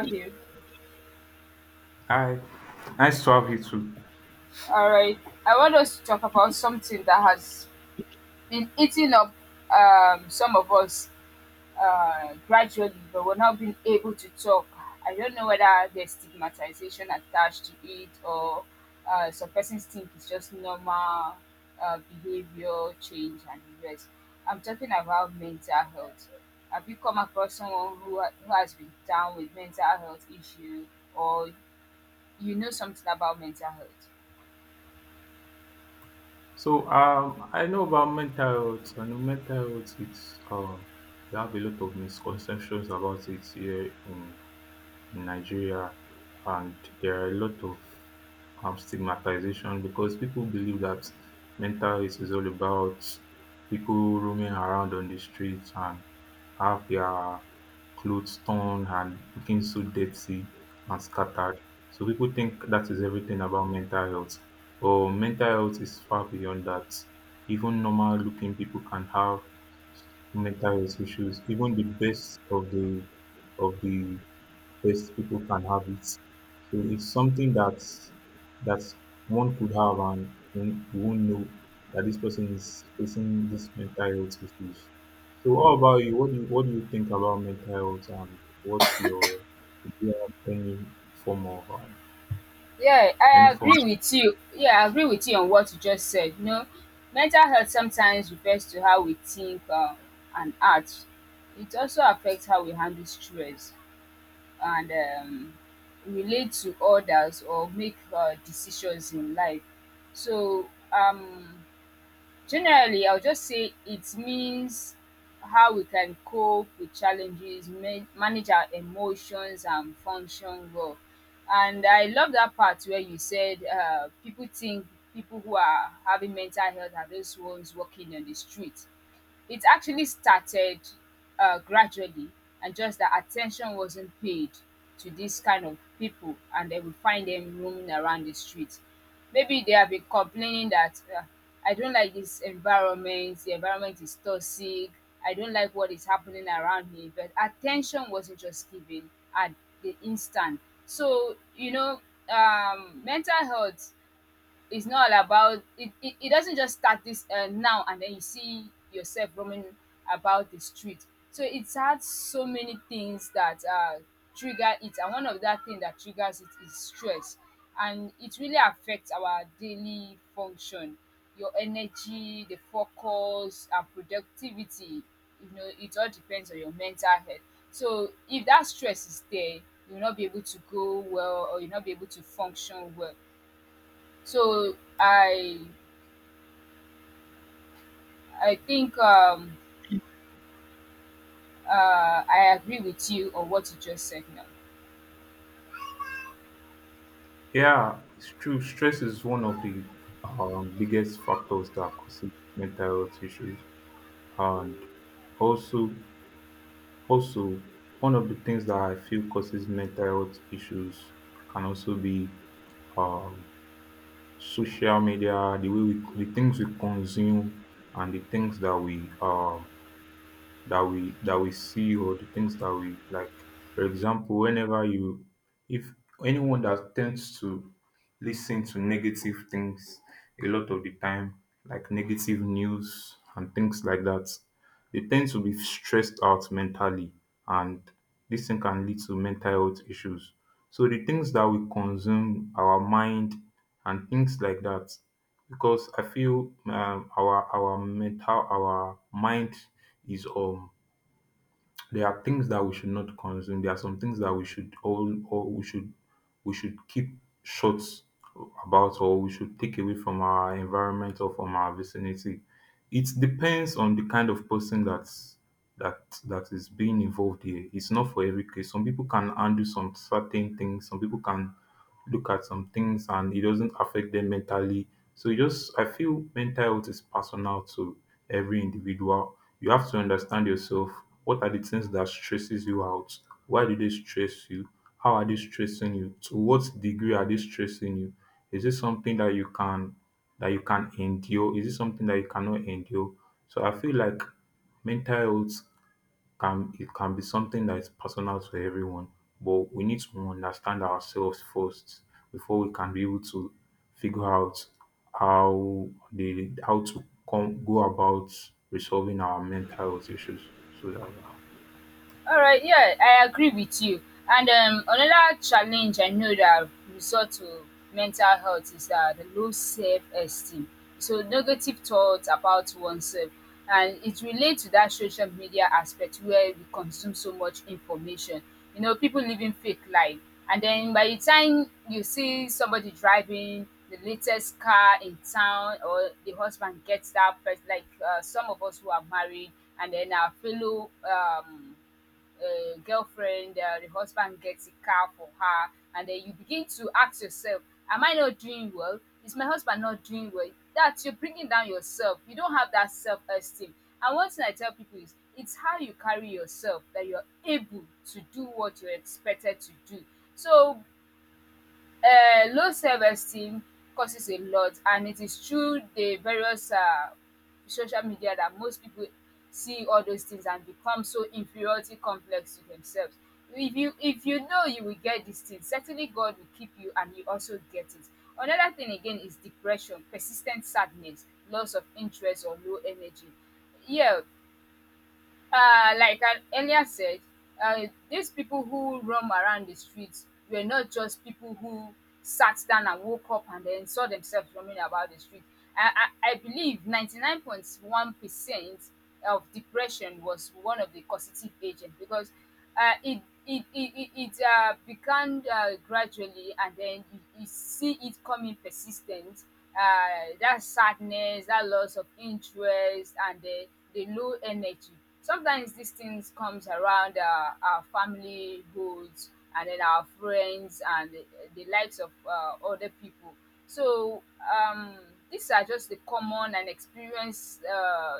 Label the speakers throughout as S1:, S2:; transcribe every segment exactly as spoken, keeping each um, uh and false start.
S1: Have you.
S2: Hi, nice to have you too.
S1: All right. I want us to talk about something that has been eating up um, some of us uh, gradually, but we're not being able to talk. I don't know whether there's stigmatization attached to it or uh, some persons think it's just normal uh, behavior change and the rest. I'm talking about mental health. Have you come across someone who, ha- who has been down with mental health issue or you know something about mental health?
S2: So, um, I know about mental health. I know mental health. It's um, You have a lot of misconceptions about it here in in Nigeria, and there are a lot of um, stigmatization because people believe that mental health is all about people roaming around on the streets and have their clothes torn and looking so dirty and scattered. So people think that is everything about mental health. Or mental health is far beyond that. Even normal looking people can have mental health issues. Even the best of the of the best people can have it. So it's something that that one could have and one- you won't know that this person is facing these mental health issues. So what about you? What do you what do you think about mental health, and what's your, do you have any form of um,
S1: Yeah,
S2: any
S1: I
S2: form?
S1: agree with you. Yeah, I agree with you on what you just said. You know, mental health sometimes refers to how we think um, and act. It also affects how we handle stress and um, relate to others or make uh, decisions in life. So, um, Generally, I'll just say it means how we can cope with challenges, man- manage our emotions, and function well. And I love that part where you said uh, people think people who are having mental health are those ones walking on the street. It actually started uh, gradually, and just that attention wasn't paid to this kind of people, and they we find them roaming around the street. Maybe they have been complaining that uh, I don't like this environment, the environment is toxic, I don't like what is happening around me, but attention wasn't just given at the instant. So, you know, um, mental health, it's not all about it, it, it doesn't just start this uh, now, and then you see yourself roaming about the street. So it's had so many things that uh, trigger it, and one of that thing that triggers it is stress, and it really affects our daily function, your energy, the focus and productivity. You know, it all depends on your mental health. So if that stress is there, you'll not be able to go well or you'll not be able to function well. So I I think um, uh, I agree with you on what you just said now.
S2: Yeah, it's true. Stress is one of the um, biggest factors that causes mental health issues, and also Also, one of the things that I feel causes mental health issues can also be um, social media, the way we, the things we consume, and the things that we uh, that we that we see, or the things that we like. For example, whenever you if anyone that tends to listen to negative things a lot of the time, like negative news and things like that, they tend to be stressed out mentally, and this thing can lead to mental health issues. So the things that we consume, our mind and things like that, because I feel um, our our mental our mind is um there are things that we should not consume. There are some things that we should all, or we should we should keep short about, or we should take away from our environment or from our vicinity. It depends on the kind of person that's that that is being involved here. It's not for every case. Some people can undo some certain things, some people can look at some things and it doesn't affect them mentally. So you just I feel mental health is personal to every individual. You have to understand yourself. What are the things that stresses you out? Why do they stress you? How are they stressing you? To what degree are they stressing you? Is this something that you can that you can endure? Is it something that you cannot endure? So I feel like mental health can it can be something that is personal to everyone, but we need to understand ourselves first before we can be able to figure out how the how to come go about resolving our mental health issues. So that.
S1: All right, yeah, I agree with you. And um, another challenge I know that resort to mental health is that the low self-esteem. So negative thoughts about oneself, and it relates to that social media aspect where we consume so much information. You know, people living fake life, and then by the time you see somebody driving the latest car in town, or the husband gets that, first, like uh, some of us who are married, and then our fellow um uh, girlfriend, uh, the husband gets a car for her, and then you begin to ask yourself, am I not doing well? Is my husband not doing well? That you're bringing down yourself. You don't have that self esteem. And one thing I tell people is, it's how you carry yourself that you're able to do what you're expected to do. So um low self-esteem causes a lot, and it is through the various um social media that most people see all those things and become so inferiority complex to themselves. If you if you know you will get these things, certainly God will keep you and you also get it. Another thing again is depression, persistent sadness, loss of interest or low energy. Yeah, uh, like I earlier said, uh, these people who roam around the streets were not just people who sat down and woke up and then saw themselves roaming about the street. I, I, I believe ninety-nine point one percent of depression was one of the causative agents because uh, it it it it it uh, began uh, gradually, and then you, you see it coming persistent, uh, that sadness, that loss of interest, and the, the low energy. Sometimes these things comes around uh, our family goals, and then our friends and the, the likes of uh, other people. So um, these are just the common and experienced uh,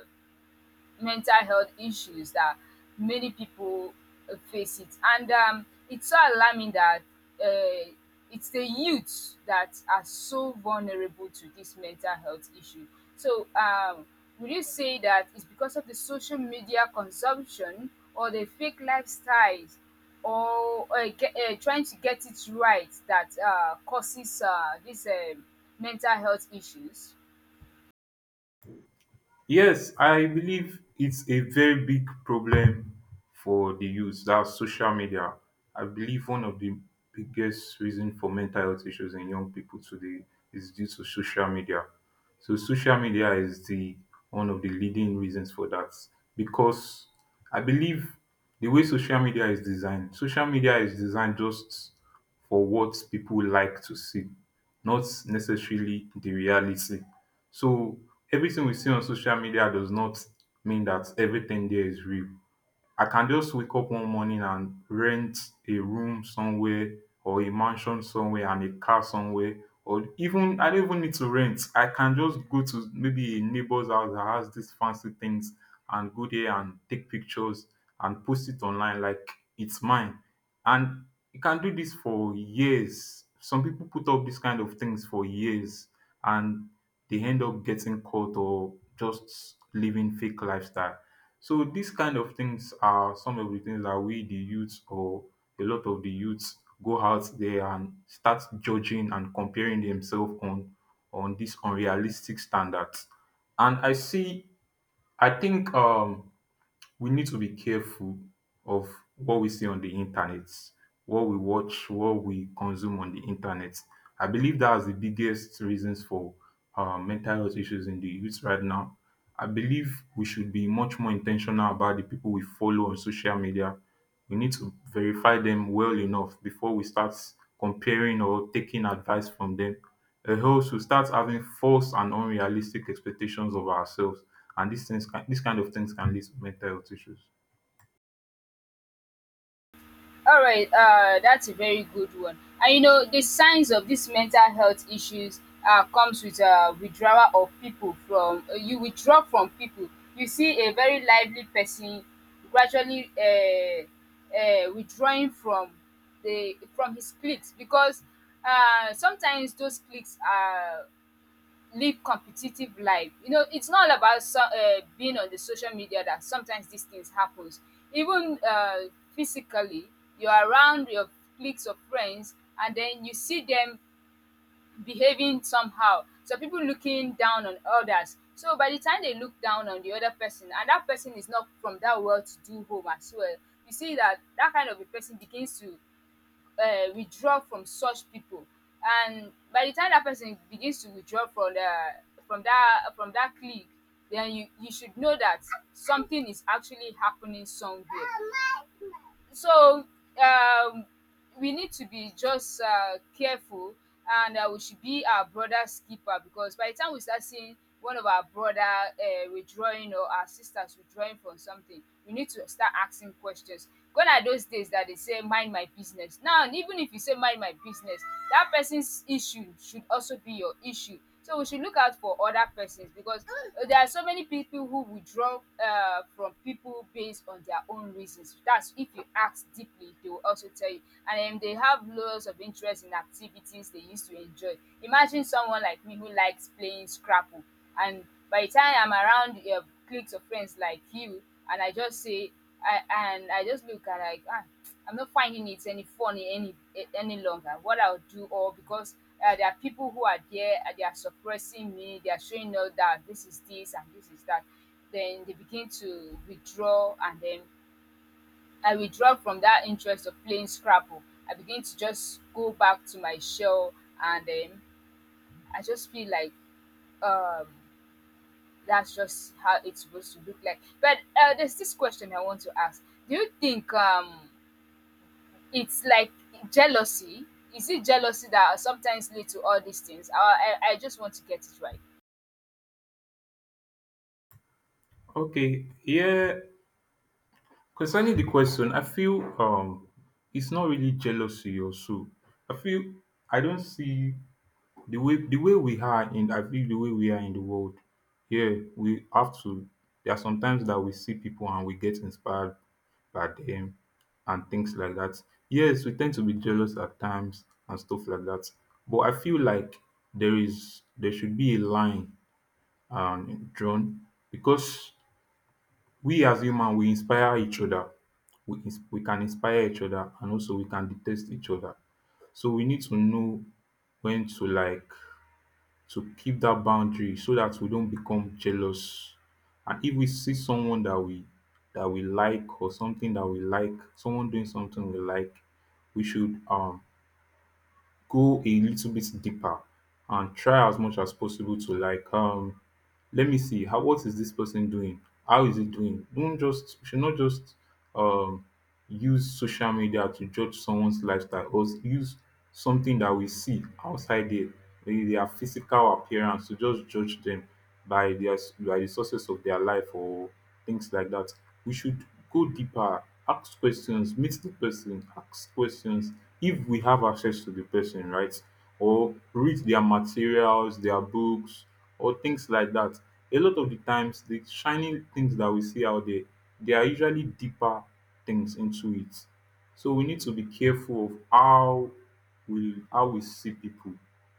S1: mental health issues that many people uh, face it. And um, it's so alarming that uh, it's the youths that are so vulnerable to this mental health issue. So, um, would you say that it's because of the social media consumption or the fake lifestyles or uh, ge- uh, trying to get it right that uh, causes uh, these um mental health issues?
S2: Yes, I believe it's a very big problem for the youth. That's social media. I believe one of the biggest reasons for mental health issues in young people today is due to social media. So social media is the one of the leading reasons for that, because I believe the way social media is designed, social media is designed just for what people like to see, not necessarily the reality. So everything we see on social media does not mean that everything there is real. I can just wake up one morning and rent a room somewhere, or a mansion somewhere and a car somewhere, or even, I don't even need to rent. I can just go to maybe a neighbor's house that has these fancy things and go there and take pictures and post it online like it's mine. And you can do this for years. Some people put up these kind of things for years and they end up getting caught or just living fake lifestyle. So these kind of things are some of the things that we the youths, or a lot of the youths, go out there and start judging and comparing themselves on on these unrealistic standards. And I see I think um we need to be careful of what we see on the internet, what we watch, what we consume on the internet. I believe that's the biggest reasons for uh, mental health issues in the youth right now. I believe we should be much more intentional about the people we follow on social media. We need to verify them well enough before we start comparing or taking advice from them. A host should start having false and unrealistic expectations of ourselves, and these things can these kind of things can lead to mental health issues.
S1: All right, uh, that's a very good one. And you know, the signs of these mental health issues uh, comes with uh, withdrawal of people from uh, you withdraw from people. You see a very lively person gradually uh, uh, withdrawing from the from his cliques because uh, sometimes those cliques are live competitive life. You know, it's not all about so, uh, being on the social media that sometimes these things happens. Even uh, physically, you're around your cliques of friends, and then you see them behaving somehow. So people looking down on others. So by the time they look down on the other person, and that person is not from that well-to-do home as well, you see that that kind of a person begins to um withdraw from such people. And by the time that person begins to withdraw from the from that from that clique, then you you should know that something is actually happening somewhere. So um we need to be just uh, careful, and uh, we should be our brother's keeper, because by the time we start seeing one of our brother uh, withdrawing, or our sisters withdrawing from something, we need to start asking questions. Gone are those days that they say mind my business. Now even if you say mind my business, that person's issue should also be your issue. So we should look out for other persons because uh, there are so many people who withdraw uh, from people based on their own reasons. That's if you ask deeply, they will also tell you. And um, they have loads of interest in activities they used to enjoy. Imagine someone like me who likes playing Scrabble, and by the time I'm around uh, cliques of friends like you, and I just say, I and I just look and like ah, I'm not finding it any funny, any a- any longer. What I'll do, or because uh, there are people who are there, uh, they are suppressing me, they are showing us that this is this and this is that. Then they begin to withdraw, and then I withdraw from that interest of playing Scrabble. I begin to just go back to my shell, and then I just feel like um, that's just how it's supposed to look like. But uh, there's this question I want to ask: do you think um it's like jealousy. Is it jealousy that sometimes lead to all these things? I, I, I just want to get it right.
S2: Okay, yeah. Concerning the question, I feel um it's not really jealousy or so. I feel I don't see the way the way we are in, I feel the way we are in the world. Yeah, we have to there are sometimes that we see people and we get inspired by them and things like that. Yes, we tend to be jealous at times and stuff like that. But I feel like there is there should be a line um drawn, because we as human, we inspire each other. We, ins- we can inspire each other, and also we can detest each other. So we need to know when to, like, to keep that boundary so that we don't become jealous. And if we see someone that we that we like, or something that we like, someone doing something we like, we should um go a little bit deeper and try as much as possible to, like, um let me see how, what is this person doing, how is it doing. Don't just You should not just um use social media to judge someone's lifestyle, or use something that we see outside there, their physical appearance, to just judge them by their by the sources of their life or things like that. We should go deeper, ask questions, meet the person, ask questions if we have access to the person, right? Or read their materials, their books, or things like that. A lot of the times, the shining things that we see out there, they are usually deeper things into it. So we need to be careful of how we how we see people.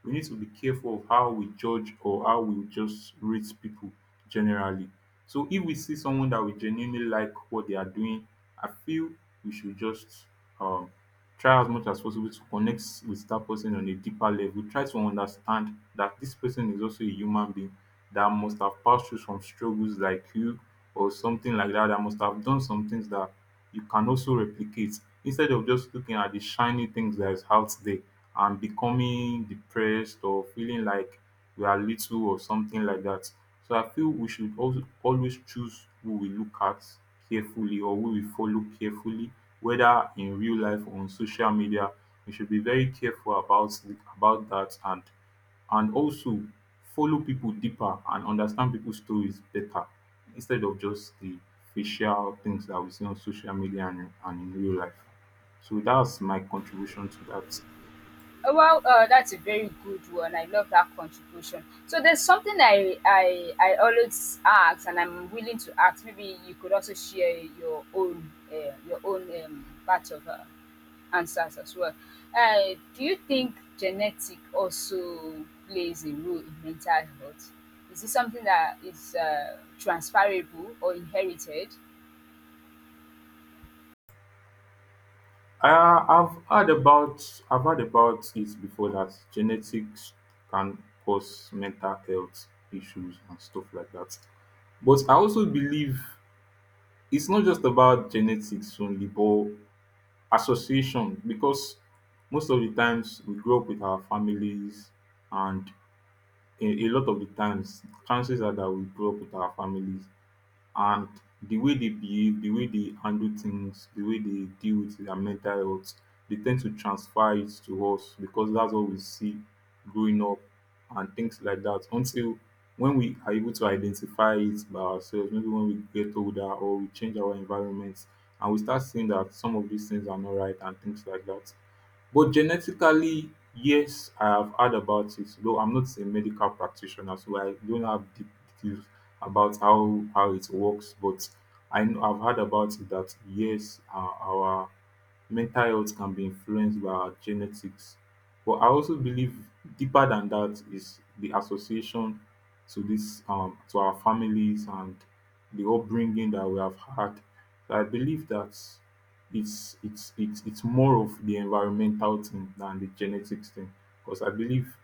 S2: We need to be careful of how we judge or how we just rate people generally. So if we see someone that we genuinely like what they are doing, I feel we should just um, try as much as possible to connect with that person on a deeper level. Try to understand that this person is also a human being that must have passed through some struggles like you, or something like that, that must have done some things that you can also replicate, instead of just looking at the shiny things that is out there and becoming depressed or feeling like we are little or something like that. So I feel we should also always choose who we look at carefully, or who we follow carefully, whether in real life or on social media. We should be very careful about about that, and and also follow people deeper and understand people's stories better, instead of just the facial things that we see on social media and, and in real life. So that's my contribution to that.
S1: Uh, Well, uh, that's a very good one. I love that contribution. So there's something I, I I always ask, and I'm willing to ask. Maybe you could also share your own uh, your own um, part of uh, answers as well. Uh, do you think genetic also plays a role in mental health? Is it something that is uh, transferable or inherited?
S2: Uh, I've heard about I've heard about it before that genetics can cause mental health issues and stuff like that. But I also believe it's not just about genetics only, but Association, because most of the times we grow up with our families, and a, a lot of the times, chances are that we grow up with our families, and the way they behave, the way they handle things, the way they deal with their mental health, they tend to transfer it to us because that's what we see growing up and things like that. Until when we are able to identify it by ourselves, maybe when we get older or we change our environment and we start seeing that some of these things are not right and things like that. But genetically, yes, I have heard about it, though I'm not a medical practitioner, so I don't have deep details about how how it works. But I know I've heard about it, that yes, our, our mental health can be influenced by our genetics. But I also believe deeper than that is the association to this um to our families and the upbringing that we have had. So I believe that it's it's it's it's more of the environmental thing than the genetics thing, because I believe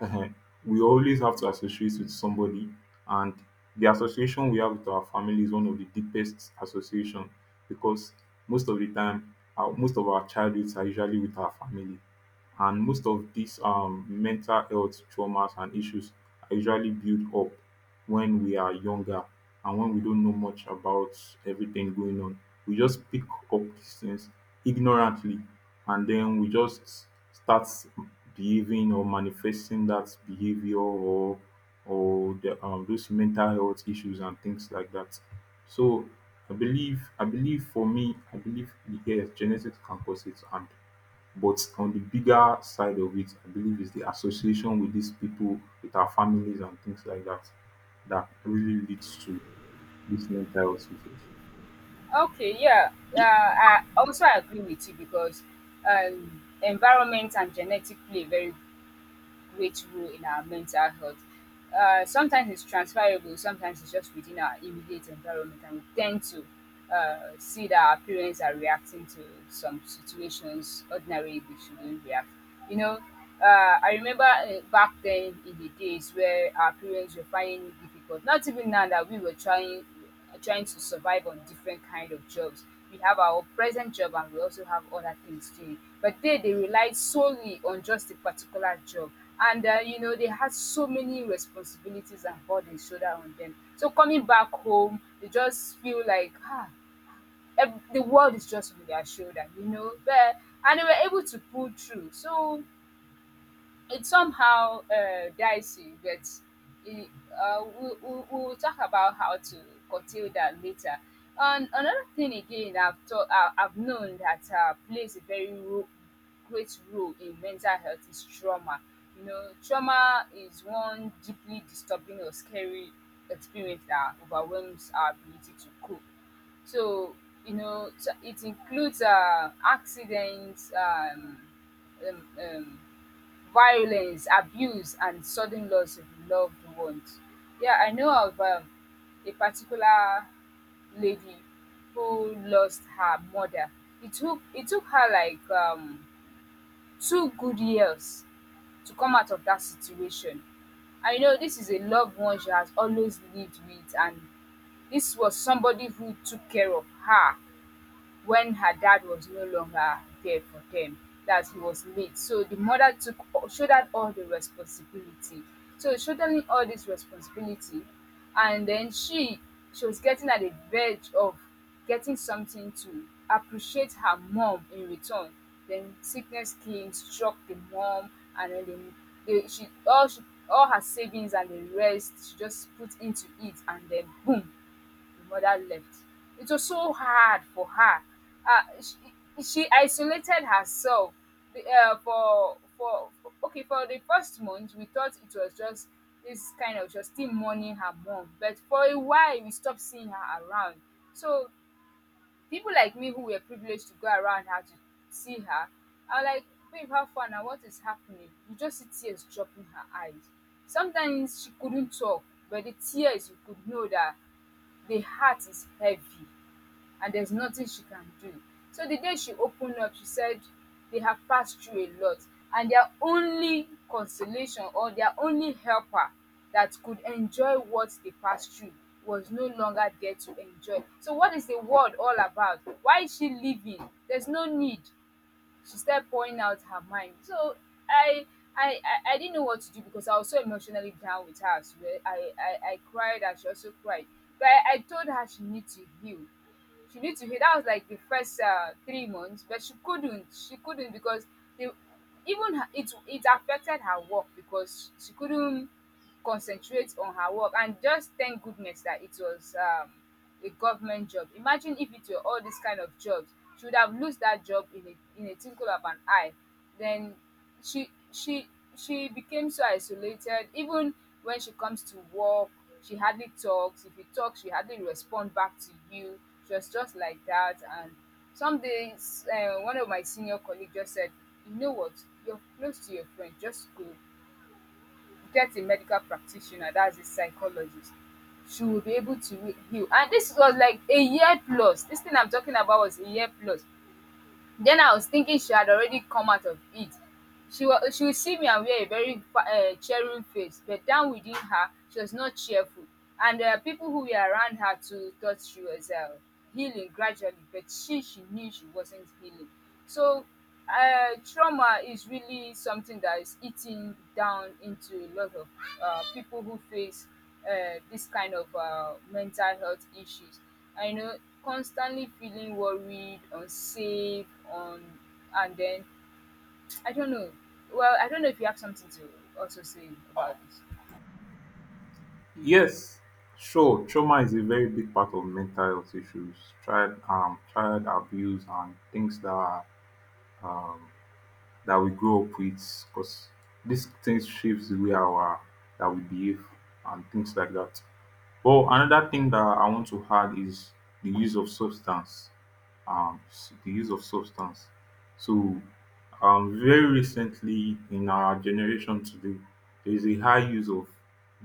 S2: uh, we always have to associate with somebody, and the association we have with our family is one of the deepest association, because most of the time, our, most of our childhoods are usually with our family, and most of these um, mental health traumas and issues are usually built up when we are younger and when we don't know much about everything going on. We just pick up these things ignorantly and then we just start behaving or manifesting that behavior or or the, um, those mental health issues and things like that. So I believe I believe for me, I believe yes, genetics can cause it and but on the bigger side of it, I believe it's the association with these people, with our families and things like that, that really leads to these mental health issues.
S1: Okay, yeah, uh,
S2: Y-
S1: I also agree with you because um, environment and genetic play a very great role in our mental health. Uh, sometimes it's transferable, sometimes it's just within our immediate environment, and we tend to uh, see that our parents are reacting to some situations ordinarily they shouldn't react. You know, uh, I remember uh, back then in the days where our parents were finding it difficult. Not even now that we were trying trying to survive on different kind of jobs. We have our present job and we also have other things too. But they they relied solely on just a particular job. And uh, you know they had so many responsibilities and burdens shoulder on them. So coming back home, they just feel like ah, ev- the world is just on their shoulder, you know. But and they were able to pull through. So it's somehow uh, dicey, but it, uh, we, we, we'll talk about how to curtail that later. And another thing again, I've taught, I- I've known that uh, plays a very ro- great role in mental health is trauma. You know, trauma is one deeply disturbing or scary experience that overwhelms our ability to cope. So, you know, so it includes uh, accidents, um, um, um, violence, abuse, and sudden loss of loved ones. Yeah, I know of um, a particular lady who lost her mother. It took it took her like um, two good years to come out of that situation. I know this is a loved one she has always lived with, and this was somebody who took care of her when her dad was no longer there for them, that he was late. So the mother took shouldered all the responsibility. So shouldering all this responsibility, and then she she was getting at the verge of getting something to appreciate her mom in return. Then sickness came, struck the mom, and then the, the she all she all her savings and the rest she just put into it, and then boom, the mother left. It was so hard for her. Uh, she, she isolated herself the, uh, for for for okay for the first month. We thought it was just this kind of just still mourning her mom, but for a while we stopped seeing her around. So people like me who were privileged to go around her to see her are like, babe, how far now, what is happening? You just see tears dropping her eyes, sometimes she couldn't talk, but the tears, you could know that the heart is heavy and there's nothing she can do. So the day she opened up, she said they have passed through a lot, and their only consolation or their only helper that could enjoy what they passed through was no longer there to enjoy. So what is the world all about? Why is she leaving? There's no need. She started pouring out her mind. So I I, I, I didn't know what to do because I was so emotionally down with her as well. I, I, I cried and she also cried. But I, I told her she needs to heal, she need to heal. That was like the first uh, three months, but she couldn't. She couldn't because the, even her, it it affected her work because she couldn't concentrate on her work. And just thank goodness that it was um, a government job. Imagine if it were all these kind of jobs, she would have lost that job in a in a tinkle of an eye. Then she she she became so isolated. Even when she comes to work, she hardly talks. If you talk, she hardly respond back to you. She was just like that. And some days, uh, one of my senior colleagues just said, you know what, you're close to your friend, just go get a medical practitioner, that's a psychologist, she will be able to re- heal. And this was like a year plus. This thing I'm talking about was a year plus. Then I was thinking she had already come out of it. She, was she would see me and wear a very uh, cheering face, but down within her, she was not cheerful. And uh, people who were around her too thought she was uh, healing gradually, but she, she knew she wasn't healing. So uh, trauma is really something that is eating down into a lot of uh, people who face uh, this kind of uh, mental health issues. I know, constantly feeling worried, unsafe, on, and then I don't know. Well, I don't know if you have something to also say about this.
S2: Yes, sure, trauma is a very big part of mental health issues, child um, child abuse and things that that we grow up with because these things shapes the way our that we behave and things like that. But another thing that I want to add is the use of substance. Um, s- the use of substance. So um, very recently in our generation today, there is a high use of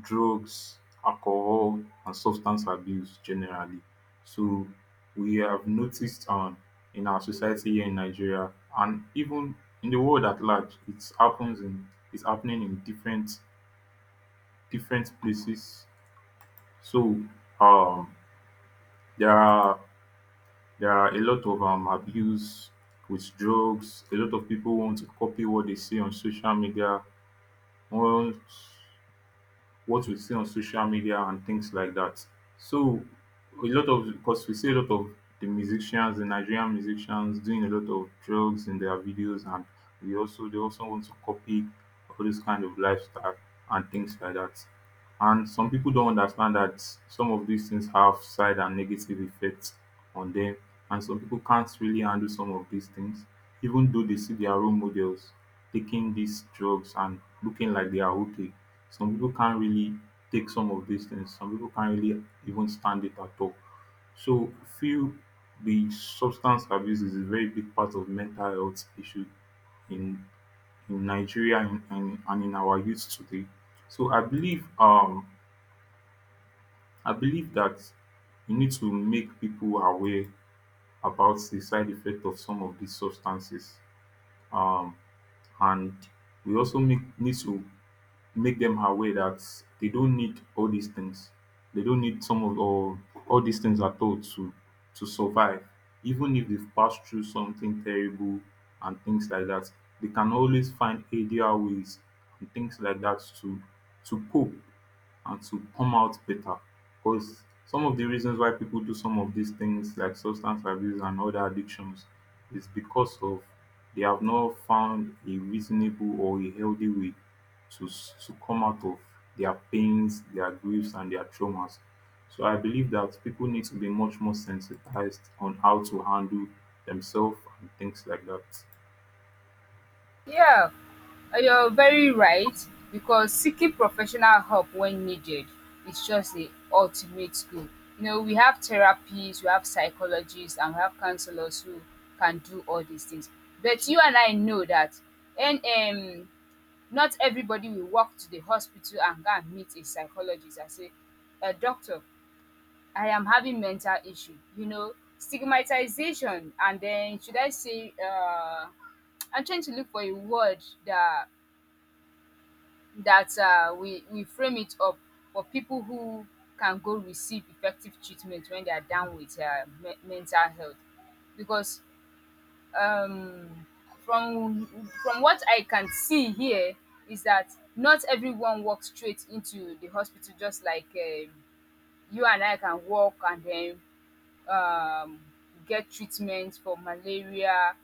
S2: drugs, alcohol, and substance abuse generally. So we have noticed um, in our society here in Nigeria and even in the world at large, it's happens in it's happening in different different places. So um, there are there are a lot of um, abuse with drugs. A lot of people want to copy what they see on social media, what what we see on social media and things like that. So a lot of, because we see a lot of the musicians, the Nigerian musicians doing a lot of drugs in their videos, and we also they also want to copy all this kind of lifestyle and things like that. And some people don't understand that some of these things have side and negative effects on them, and some people can't really handle some of these things, even though they see their role models taking these drugs and looking like they are okay. Some people can't really take some of these things, some people can't really even stand it at all. So, feel the substance abuse is a very big part of mental health issue in in Nigeria and, and, and in our youth today. So I believe um i believe that we need to make people aware about the side effect of some of these substances um and we also make, need to make them aware that they don't need all these things. They don't need some of or all these things at all to to survive, even if dey pass through something terrible and things like that, they can always find healthier ways and things like that to to cope and to come out better, because some of the reasons why people do some of these things like substance abuse and other addictions is because of, they have not found a reasonable or a healthy way to s- to come out of their pains, their griefs and their traumas. So I believe that people need to be much more sensitized on how to handle themselves and things like that.
S1: Yeah, uh, you're very right, because seeking professional help when needed is just the ultimate goal. You know, we have therapists, we have psychologists, and we have counselors who can do all these things. But you and I know that. And um, not everybody will walk to the hospital and go and meet a psychologist and say, uh, Doctor, I am having mental issue. You know, stigmatization, and then should I say, uh, I'm trying to look for a word, that that uh, we we frame it up for people who can go receive effective treatment when they are down with uh, me- mental health, because um, from from what I can see here is that not everyone walks straight into the hospital, just like um, you and I can walk, and then um, get treatment for malaria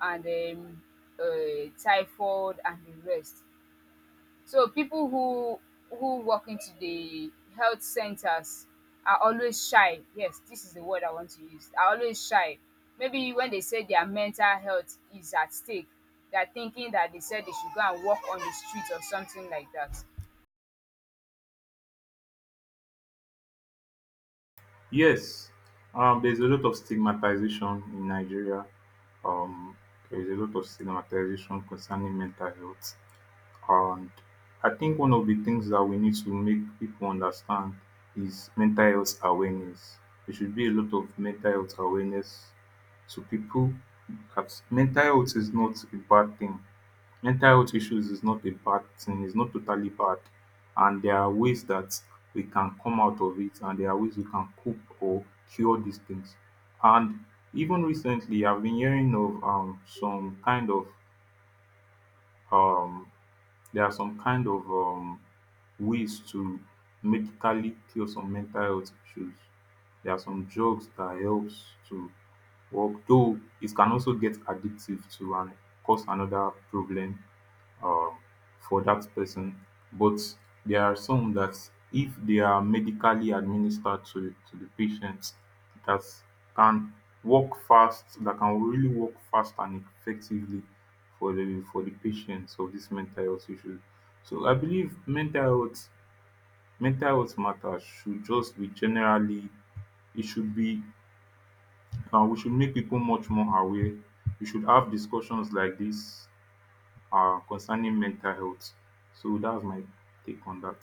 S1: and um, uh, typhoid and the rest. So people who who walk into the health centers are always shy. Yes, this is the word I want to use. Are always shy. Maybe when they say their mental health is at stake, they're thinking that they said they should go and walk on the street or something like that.
S2: Yes, um, there's a lot of stigmatization in Nigeria. Um, there is a lot of stigmatization concerning mental health. And I think one of the things that we need to make people understand is mental health awareness. There should be a lot of mental health awareness to people, that mental health is not a bad thing. Mental health issues is not a bad thing, it's not totally bad. And there are ways that we can come out of it, and there are ways we can cope or cure these things. And even recently I've been hearing of um some kind of um there are some kind of um ways to medically cure some mental health issues. There are some drugs that helps to work, though it can also get addictive to and cause another problem um for that person, but there are some that, if they are medically administered to to the patient, that can work fast, that can really work fast and effectively for the for the patients of this mental health issue. So I believe mental health mental health matters should just be generally, it should be, um we should make people much more aware. We should have discussions like this um concerning mental health. So that's my take on that.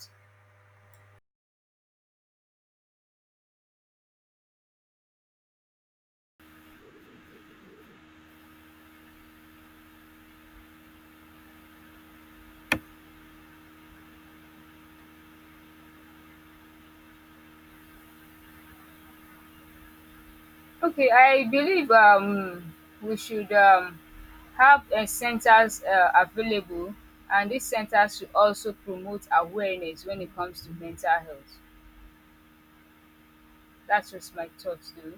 S1: Okay, I believe um we should um have uh, centers uh, available, and these centers should also promote awareness when it comes to mental health. That's just my thoughts, though.